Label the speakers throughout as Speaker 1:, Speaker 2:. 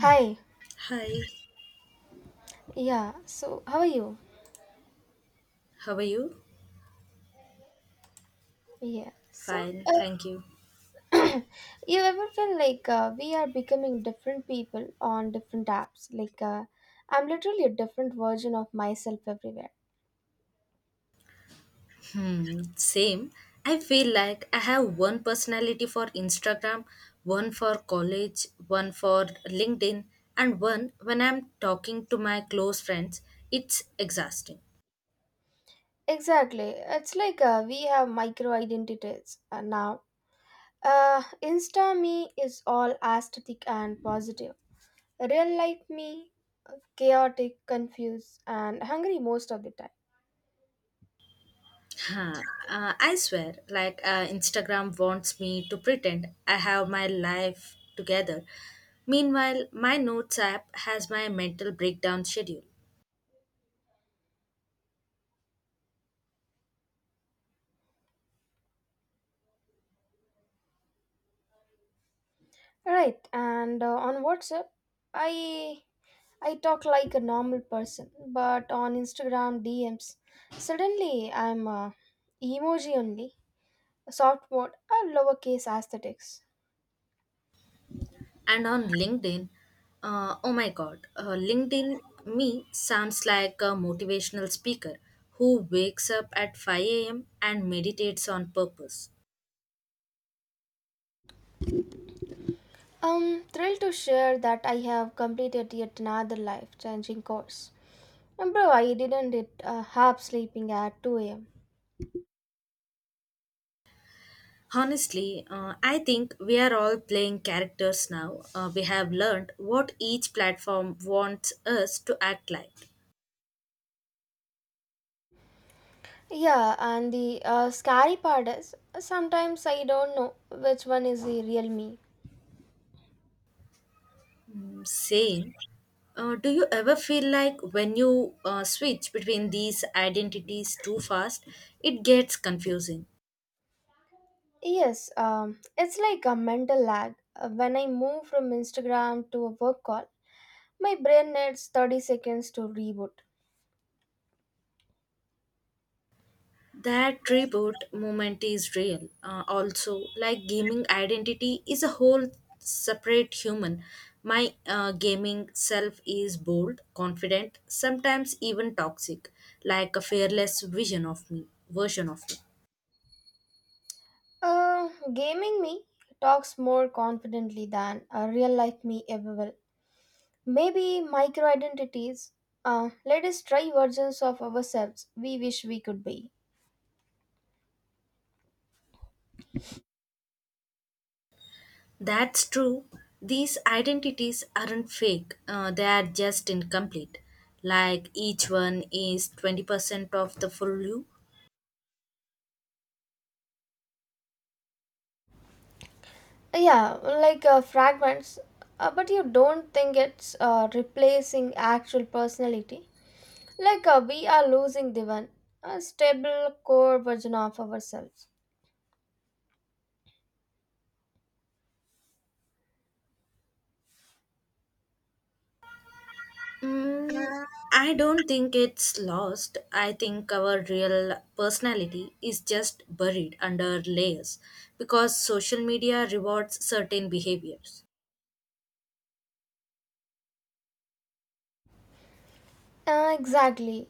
Speaker 1: Hi,
Speaker 2: Hi,
Speaker 1: yeah, so how are you?
Speaker 2: how are you?
Speaker 1: Yeah, so
Speaker 2: Fine, thank you.
Speaker 1: uh, you ever feel like we are becoming different people on different apps? I'm literally a different version of myself everywhere.
Speaker 2: Hmm, same. I feel like I have one personality for Instagram, one for college, one for LinkedIn, and one when I'm talking to my close friends. It's exhausting.
Speaker 1: Exactly, it's like we have micro identities now. Insta me is all aesthetic and positive, real life me, chaotic, confused, and hungry most of the time.
Speaker 2: Huh. I swear, Instagram wants me to pretend I have my life together. Meanwhile, my notes app has my mental breakdown schedule.
Speaker 1: Right, and on WhatsApp, I I talk like a normal person, but on Instagram DMs, suddenly I'm emoji only, soft mode, and lowercase aesthetics.
Speaker 2: And on LinkedIn, oh my god, LinkedIn me sounds like a motivational speaker who wakes up at 5 a.m. and meditates on purpose.
Speaker 1: I'm thrilled to share that I have completed yet another life changing course. And bro, I didn't it half sleeping at 2 a.m.
Speaker 2: Honestly, I think we are all playing characters now. We have learned what each platform wants us to act like.
Speaker 1: Yeah, and the scary part is sometimes I don't know which one is the real me.
Speaker 2: Mm, same. Do you ever feel like when you switch between these identities too fast, it gets confusing?
Speaker 1: Yes, it's like a mental lag. When I move from Instagram to a work call, my brain needs 30 seconds to reboot.
Speaker 2: That reboot moment is real. Also, like, gaming identity is a whole separate human. My gaming self is bold, confident, sometimes even toxic, like a fearless version of me.
Speaker 1: Uh, Gaming me talks more confidently than a real life me ever will. Maybe micro identities. Let us try versions of ourselves we wish we could be.
Speaker 2: That's true. These identities aren't fake, they are just incomplete. Like, each one is 20% of the full you.
Speaker 1: Yeah, like fragments. But you don't think it's replacing actual personality. Like we are losing the one, a stable core version of ourselves.
Speaker 2: Mm, I don't think it's lost. I think our real personality is just buried under layers because social media rewards certain behaviors.
Speaker 1: Exactly.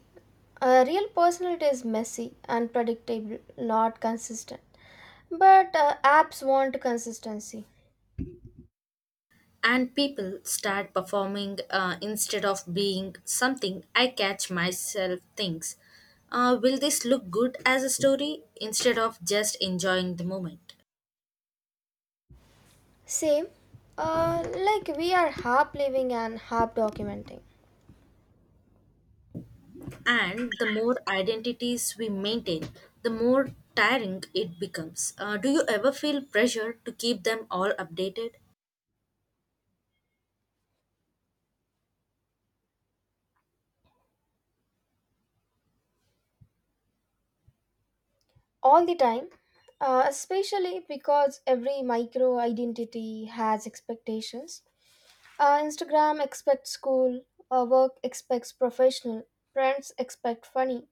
Speaker 1: A real personality is messy, unpredictable, not consistent. But apps want consistency.
Speaker 2: And people start performing, instead of being something I catch myself thinks. Will this look good as a story instead of just enjoying the moment?
Speaker 1: Same. Like we are half living and half documenting
Speaker 2: And the more identities we maintain, the more tiring it becomes. Do you ever feel pressure to keep them all updated?
Speaker 1: all the time, especially because every micro identity has expectations. Instagram expects school, work expects professional, friends expect funny,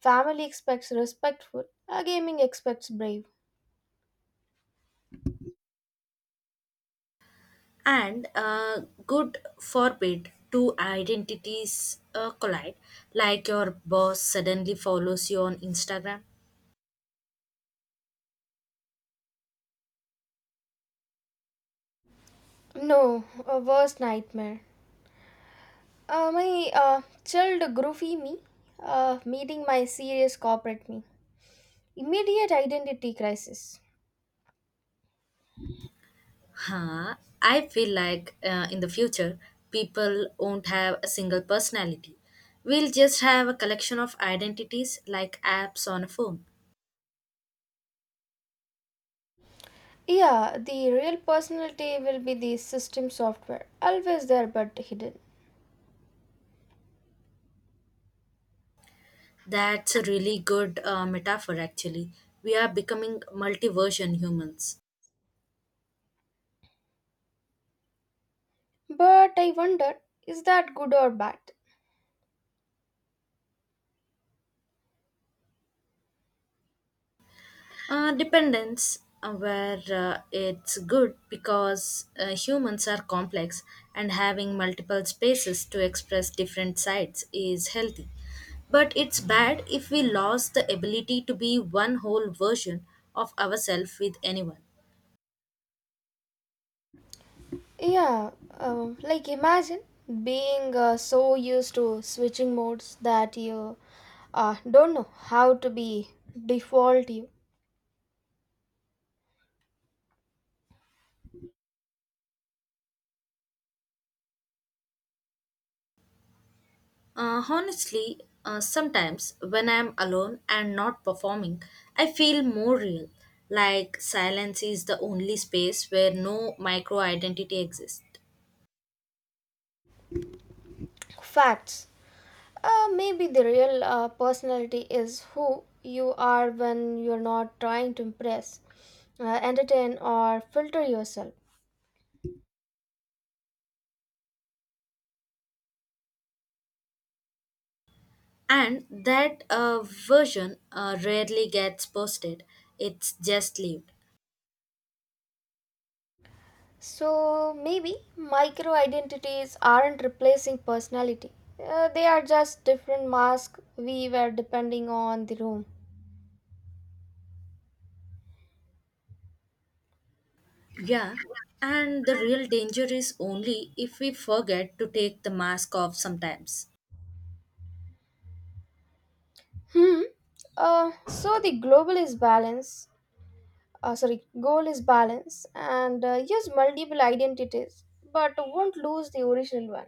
Speaker 1: family expects respectful, gaming expects brave.
Speaker 2: And good forbid two identities collide, like your boss suddenly follows you on Instagram.
Speaker 1: No, a worst nightmare. My chilled groovy me meeting my serious corporate me. Immediate identity crisis.
Speaker 2: Huh. I feel like, in the future, people won't have a single personality. We'll just have a collection of identities like apps on a phone.
Speaker 1: Yeah, the real personality will be the system software, always there but hidden.
Speaker 2: That's a really good metaphor, actually. We are becoming multiversion humans.
Speaker 1: But I wonder, is that good or bad?
Speaker 2: Dependence, where it's good because, humans are complex and having multiple spaces to express different sides is healthy. But it's bad if we lost the ability to be one whole version of ourselves with anyone.
Speaker 1: Yeah, like imagine being so used to switching modes that you don't know how to be default you.
Speaker 2: Honestly, sometimes when I'm alone and not performing, I feel more real. Like, silence is the only space where no micro identity exists.
Speaker 1: Facts. Maybe the real personality is who you are when you're not trying to impress, entertain, or filter yourself.
Speaker 2: And that version rarely gets posted, it's just lived.
Speaker 1: So maybe micro identities aren't replacing personality, they are just different masks we wear depending on the room.
Speaker 2: Yeah, and the real danger is only if we forget to take the mask off sometimes.
Speaker 1: Hmm. So the global is balance. Sorry, goal is balance, and use multiple identities, but won't lose the original one.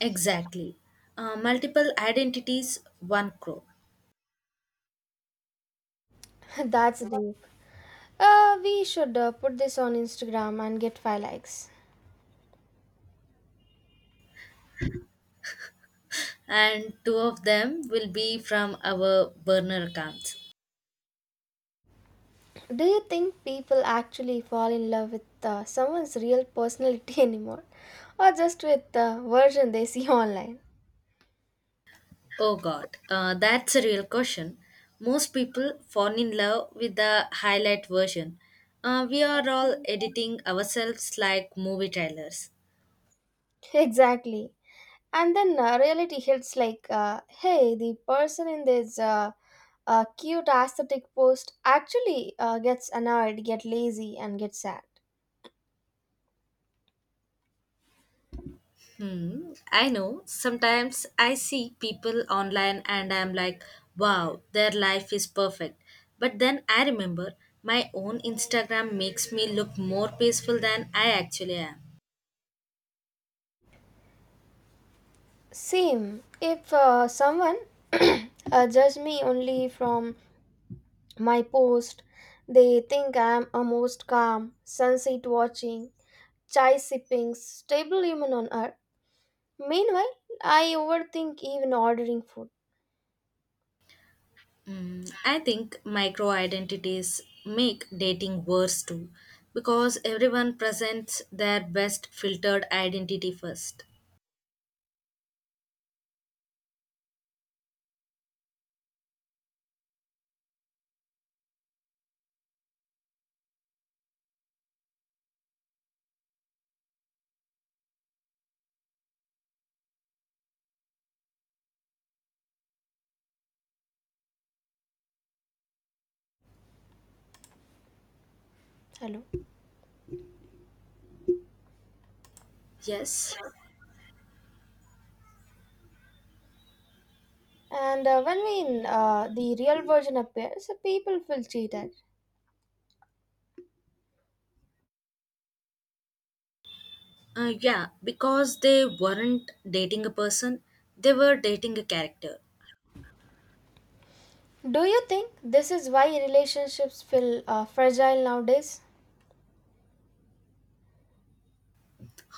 Speaker 2: Exactly. Multiple identities, one crow.
Speaker 1: That's deep. We should put this on Instagram and get 5 likes.
Speaker 2: And two of them will be from our burner accounts.
Speaker 1: Do you think people actually fall in love with someone's real personality anymore? Or just with the version they see online?
Speaker 2: Oh god, that's a real question. Most people fall in love with the highlight version. We are all editing ourselves like movie trailers.
Speaker 1: Exactly. And then reality hits like, hey, the person in this cute aesthetic post actually gets annoyed, get lazy, and get sad.
Speaker 2: Hmm, I know. Sometimes I see people online and I'm like, wow, their life is perfect. But then I remember my own Instagram makes me look more peaceful than I actually am.
Speaker 1: Same. If someone judge me only from my post. They think I'm a most calm, sunset watching, chai sipping, stable human on earth. Meanwhile, I overthink even ordering food.
Speaker 2: Mm, I think micro identities make dating worse too, because everyone presents their best filtered identity first.
Speaker 1: Hello.
Speaker 2: Yes.
Speaker 1: And when we, the real version appears, people feel cheated.
Speaker 2: Yeah, because they weren't dating a person, they were dating a character.
Speaker 1: Do you think this is why relationships feel fragile nowadays?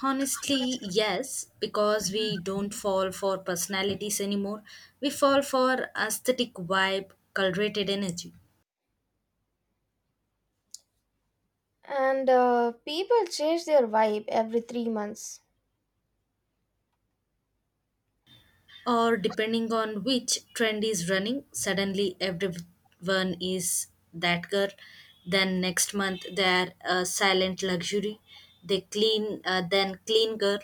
Speaker 2: Honestly, yes, because we don't fall for personalities anymore, we fall for aesthetic vibe, cultivated energy.
Speaker 1: And people change their vibe every 3 months.
Speaker 2: Or depending on which trend is running, suddenly everyone is that girl, then next month they're a silent luxury, they clean, then clean girl,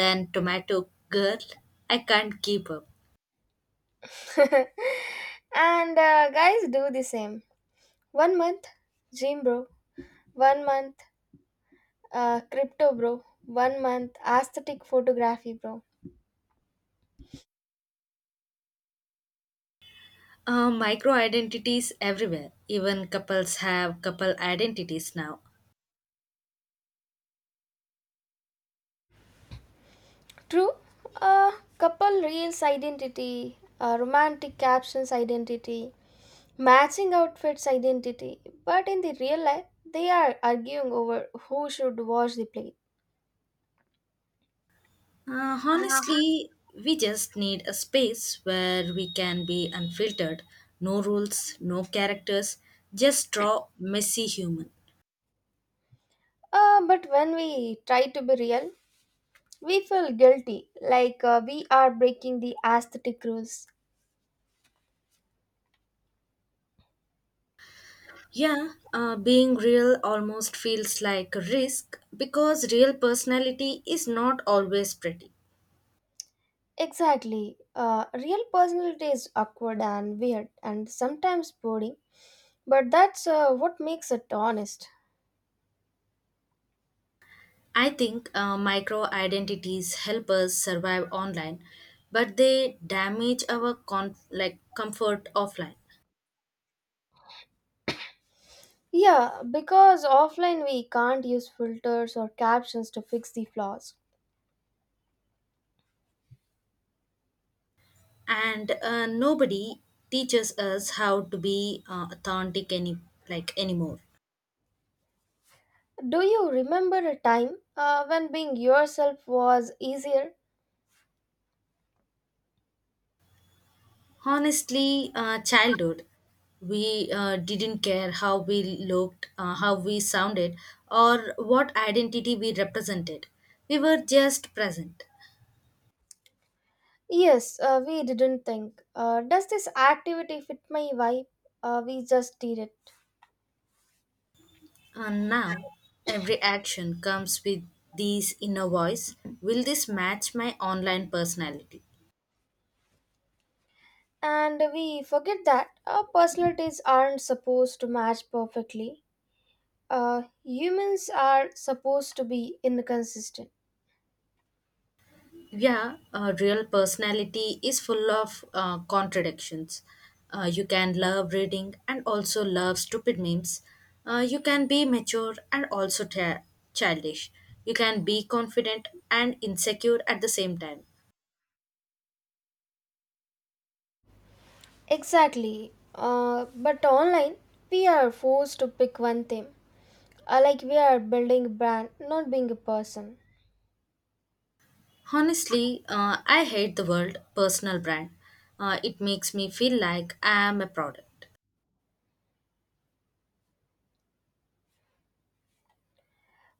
Speaker 2: then tomato girl. I can't keep up.
Speaker 1: And guys do the same. One month, gym bro. One month crypto, bro. One month aesthetic photography, bro.
Speaker 2: Micro identities everywhere. Even couples have couple identities now.
Speaker 1: True. Uh, Couple reels identity, romantic captions identity, matching outfits identity. But in the real life, they are arguing over who should wash the plate.
Speaker 2: Honestly, we just need a space where we can be unfiltered. No rules, no characters, just draw messy human.
Speaker 1: But when we try to be real, we feel guilty, like we are breaking the aesthetic rules.
Speaker 2: Yeah, being real almost feels like a risk because real personality is not always pretty.
Speaker 1: Exactly. Real personality is awkward and weird and sometimes boring. But that's what makes it honest.
Speaker 2: I think micro identities help us survive online, but they damage our like comfort offline.
Speaker 1: Yeah, because offline we can't use filters or captions to fix the flaws.
Speaker 2: And nobody teaches us how to be authentic any like anymore.
Speaker 1: Do you remember a time when being yourself was easier?
Speaker 2: Honestly, childhood, we didn't care how we looked, how we sounded or what identity we represented. We were just present.
Speaker 1: Yes, we didn't think. Does this activity fit my vibe? We just did it.
Speaker 2: And now every action comes with this inner voice: will this match my online personality?
Speaker 1: And we forget that our personalities aren't supposed to match perfectly. Humans are supposed to be inconsistent.
Speaker 2: Yeah, real personality is full of contradictions. You can love reading and also love stupid memes. You can be mature and also childish. You can be confident and insecure at the same time.
Speaker 1: Exactly. But online, we are forced to pick one thing. Like we are building a brand, not being a person.
Speaker 2: Honestly, I hate the word personal brand. It makes me feel like I am a product.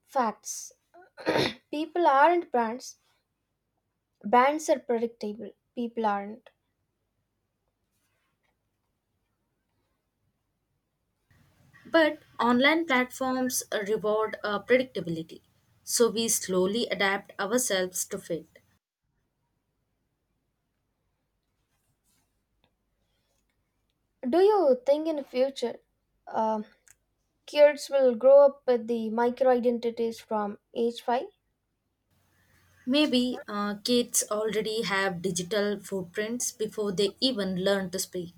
Speaker 1: Facts. People aren't brands. Brands are predictable. People aren't.
Speaker 2: But online platforms reward predictability, so we slowly adapt ourselves to fit.
Speaker 1: Do you think in the future, uh, kids will grow up with the micro identities from age 5?
Speaker 2: Maybe kids already have digital footprints before they even learn to speak.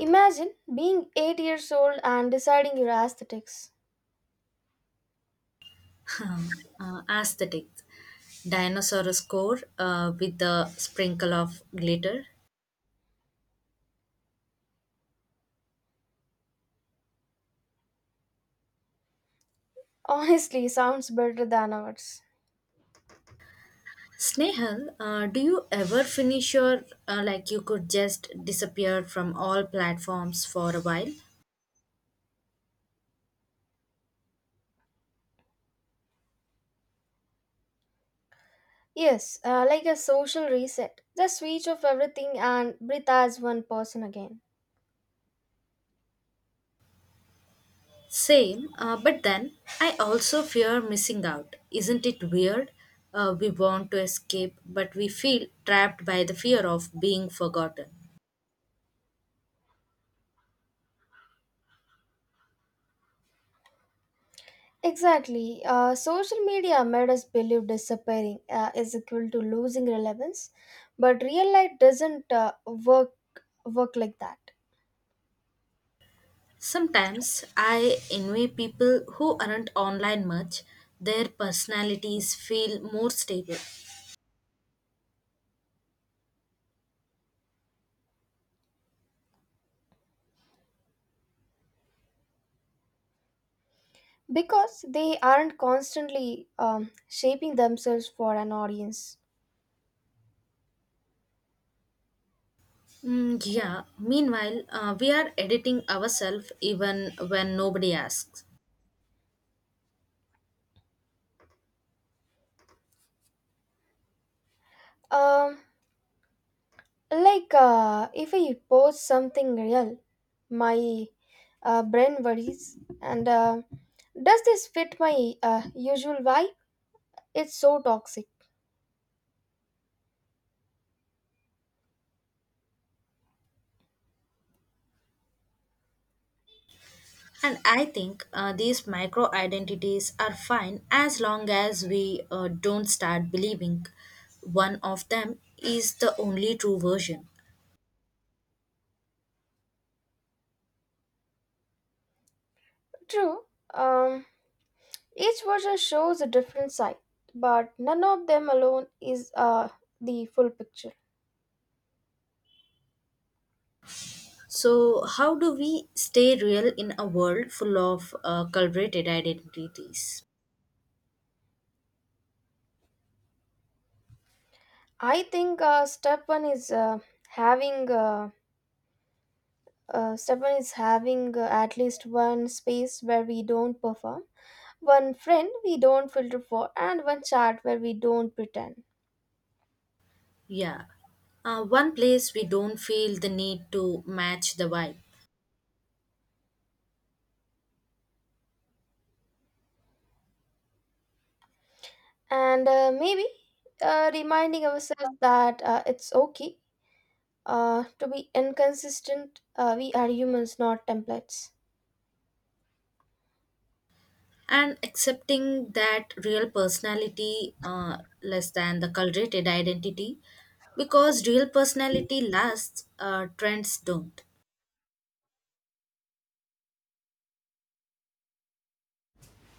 Speaker 1: Imagine being 8 years old and deciding your aesthetics.
Speaker 2: Aesthetics. Dinosaur score with the sprinkle of glitter.
Speaker 1: Honestly, sounds better than ours.
Speaker 2: Snehal, do you ever finish your like you could just disappear from all platforms for a while?
Speaker 1: Yes, like a social reset. Just switch off everything and breathe as one person again.
Speaker 2: Same, but then I also fear missing out. Isn't it weird? We want to escape, but we feel trapped by the fear of being forgotten.
Speaker 1: Exactly. Social media made us believe disappearing is equal to losing relevance, but real life doesn't work like that
Speaker 2: Sometimes I envy people who aren't online much. Their personalities feel more stable.
Speaker 1: because they aren't constantly shaping themselves for an audience.
Speaker 2: Mm, yeah, meanwhile, we are editing ourselves even when nobody asks.
Speaker 1: Um, Like, if I post something real, my brain worries. And does this fit my usual vibe? It's so toxic.
Speaker 2: And I think these micro identities are fine as long as we don't start believing one of them is the only true version.
Speaker 1: True. Um, each version shows a different side, but none of them alone is the full picture.
Speaker 2: So, how do we stay real in a world full of cultivated identities?
Speaker 1: I think having uh, step one is having at least one space where we don't perform one friend we don't filter for, and one chat where we don't pretend.
Speaker 2: Yeah. One place we don't feel the need to match the vibe.
Speaker 1: And maybe reminding ourselves that it's okay to be inconsistent. We are humans, not templates.
Speaker 2: And accepting that real personality less than the curated identity, because real personality lasts, trends don't.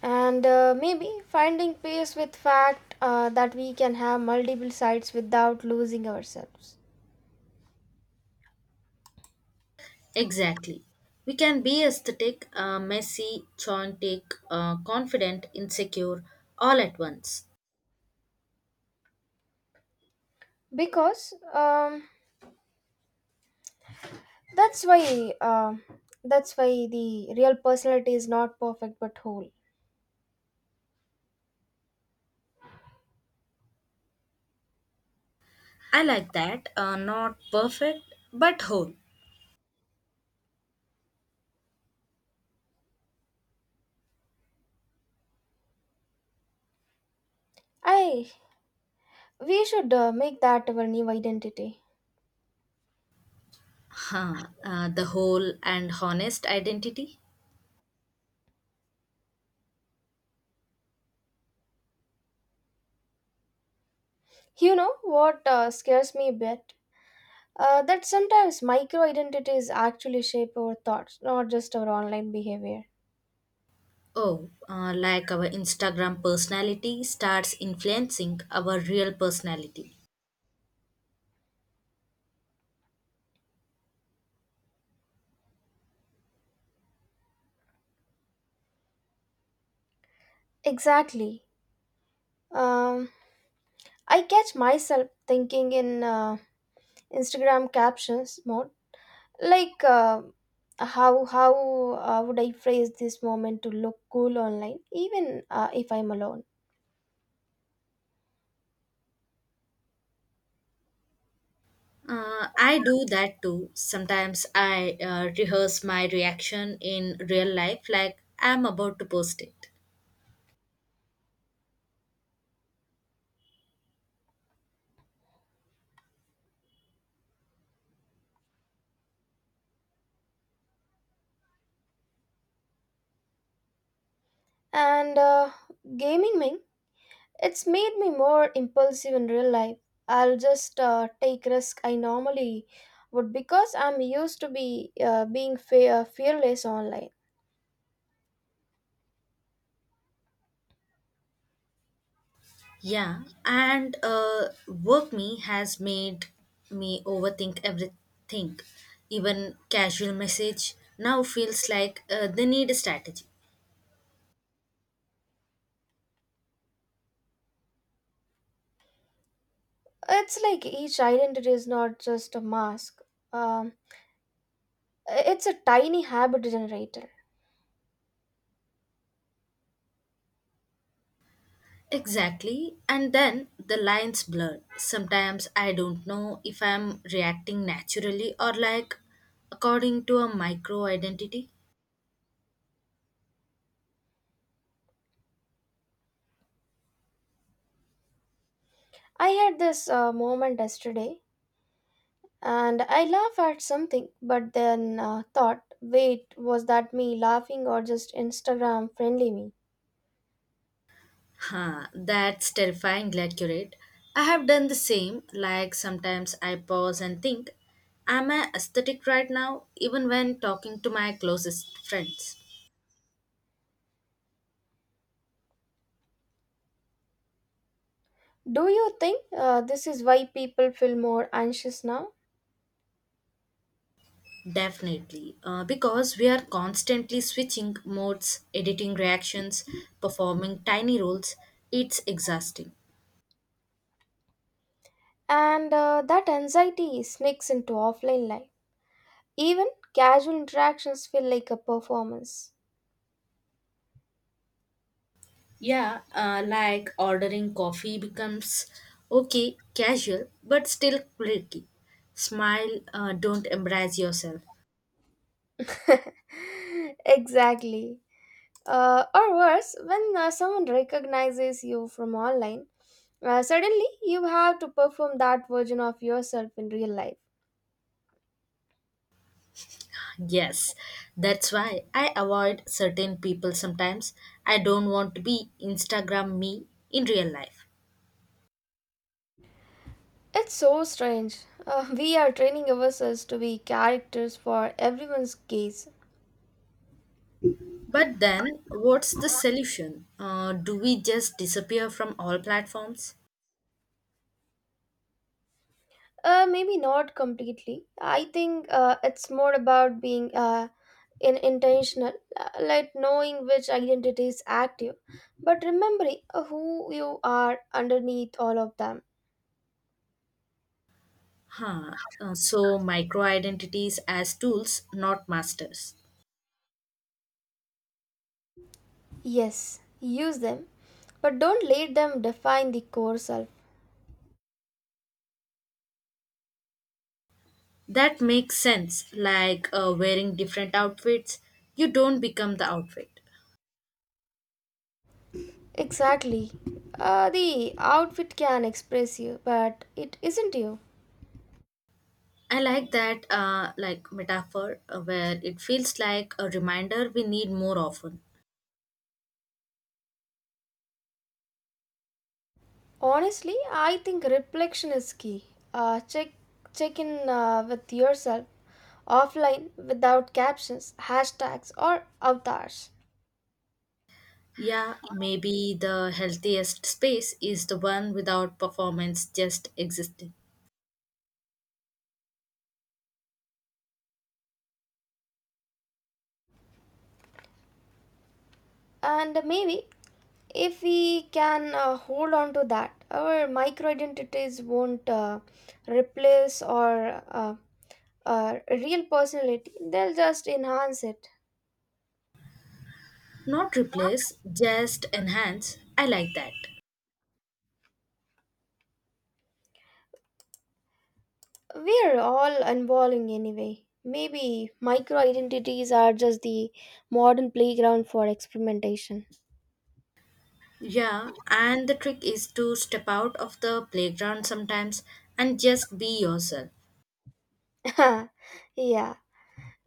Speaker 1: And maybe finding peace with fact that we can have multiple sides without losing ourselves.
Speaker 2: Exactly. We can be aesthetic, messy, chaotic, confident, insecure, all at once.
Speaker 1: Because that's why uh, that's why the real personality is not perfect but whole.
Speaker 2: I like that. Not perfect, but whole.
Speaker 1: I We should make that our new identity.
Speaker 2: Huh, the whole and honest identity.
Speaker 1: You know what scares me a bit? That sometimes micro identities actually shape our thoughts, not just our online behavior.
Speaker 2: Oh, like our Instagram personality starts influencing our real personality.
Speaker 1: Exactly. Um, I catch myself thinking in Instagram captions mode, like how would I phrase this moment to look cool online, even if I'm alone.
Speaker 2: I do that too. Sometimes I rehearse my reaction in real life, like I'm about to post it.
Speaker 1: And gaming, it's made me more impulsive in real life. I'll just take risk I normally would because I'm used to be being fearless online.
Speaker 2: Yeah, and work me has made me overthink everything. Even casual message now feels like they need a strategy.
Speaker 1: It's like each identity is not just a mask. Um, it's a tiny habit generator.
Speaker 2: Exactly. And then the lines blur. Sometimes I don't know if I'm reacting naturally or like according to a micro identity.
Speaker 1: I had this moment yesterday, and I laugh at something, but then thought, wait, was that me laughing or just Instagram friendly me?
Speaker 2: Huh, that's terrifyingly accurate. I have done the same. Like, sometimes I pause and think, am I aesthetic right now, even when talking to my closest friends?
Speaker 1: Do you think this is why people feel more anxious now?
Speaker 2: Definitely, because we are constantly switching modes, editing reactions, performing tiny roles. It's exhausting.
Speaker 1: And that anxiety sneaks into offline life. Even casual interactions feel like a performance.
Speaker 2: Yeah, like ordering coffee becomes okay, casual, but still quirky. Smile, don't embrace yourself.
Speaker 1: exactly. Or worse, when someone recognizes you from online, suddenly you have to perform that version of yourself in real life.
Speaker 2: Yes, that's why I avoid certain people sometimes. I don't want to be Instagram me in real life.
Speaker 1: It's so strange. We are training ourselves to be characters for everyone's gaze.
Speaker 2: But then, what's the solution? Do we just disappear from all platforms?
Speaker 1: Maybe not completely. I think it's more about being in intentional like knowing which identity is active but remembering who you are underneath all of them.
Speaker 2: Huh. So, micro identities as tools, not masters.
Speaker 1: Yes, use them but don't let them define the core self.
Speaker 2: That makes sense. Like, wearing different outfits, you don't become the outfit.
Speaker 1: Exactly. The outfit can express you but it isn't you.
Speaker 2: I like that, like metaphor, where it feels like a reminder we need more often.
Speaker 1: Honestly, I think reflection is key. Uh, check check in with yourself offline without captions, hashtags or avatars.
Speaker 2: Yeah, maybe the healthiest space is the one without performance, just existing.
Speaker 1: And maybe if we can hold on to that, our micro identities won't replace or real personality, they'll just enhance it.
Speaker 2: Not replace, just enhance. I like that.
Speaker 1: We're all evolving anyway. Maybe micro identities are just the modern playground for experimentation.
Speaker 2: Yeah, and the trick is to step out of the playground sometimes and just be yourself.
Speaker 1: yeah,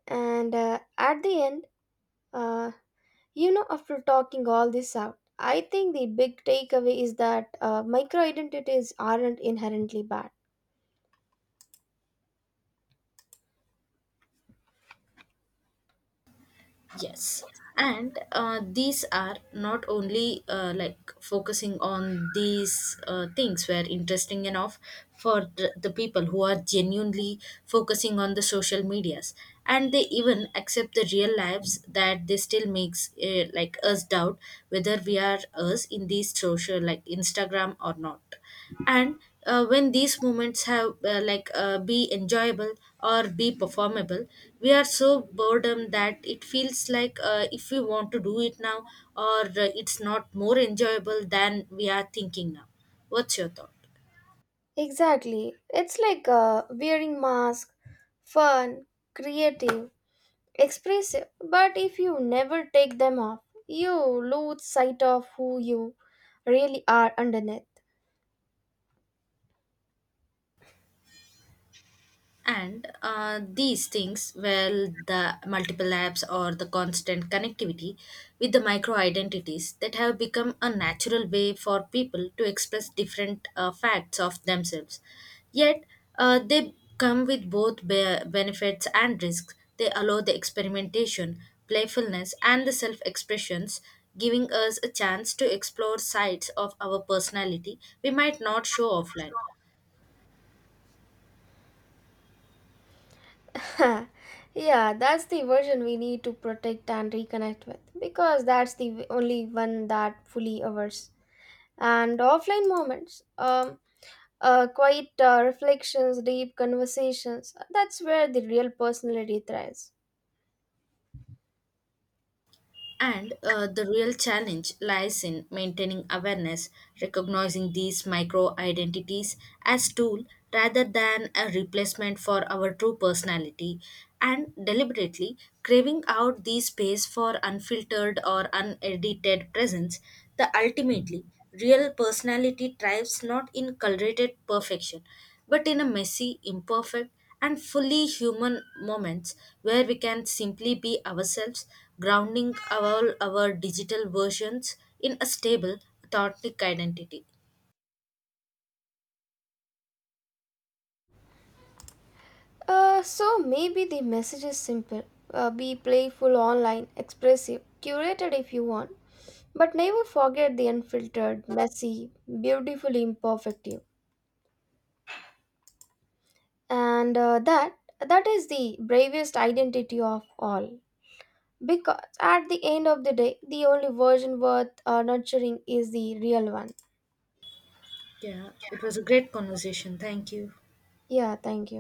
Speaker 1: and at the end, uh, you know, after talking all this out, I think the big takeaway is that micro identities aren't inherently bad.
Speaker 2: Yes. And these are not only like focusing on these things were interesting enough for the people who are genuinely focusing on the social medias, and they even accept the real lives that they still makes like us doubt whether we are us in these social, like Instagram, or not. And when these moments have, be enjoyable or be performable, we are so boredom that it feels like, if we want to do it now or it's not more enjoyable than we are thinking now. What's your thought?
Speaker 1: Exactly. It's like wearing mask, fun, creative, expressive. But if you never take them off, you lose sight of who you really are underneath.
Speaker 2: And these things, well, the multiple apps or the constant connectivity with the micro identities that have become a natural way for people to express different facts of themselves. Yet they come with both benefits and risks. They allow the experimentation, playfulness and the self expressions, giving us a chance to explore sides of our personality we might not show offline.
Speaker 1: yeah, that's the version we need to protect and reconnect with because that's the only one that fully ours. And offline moments, quiet reflections, deep conversations. That's where the real personality thrives.
Speaker 2: And the real challenge lies in maintaining awareness, recognizing these micro identities as tool rather than a replacement for our true personality, and deliberately craving out these space for unfiltered or unedited presence. The ultimately real personality thrives not in curated perfection, but in a messy, imperfect and fully human moments where we can simply be ourselves, grounding our digital versions in a stable, authentic identity.
Speaker 1: So maybe the message is simple, be playful online, expressive, curated if you want, but never forget the unfiltered, messy, beautifully imperfect you. And that is the bravest identity of all. Because at the end of the day, the only version worth nurturing is the real one.
Speaker 2: Yeah, it was a great conversation. Thank you.
Speaker 1: Yeah, thank you.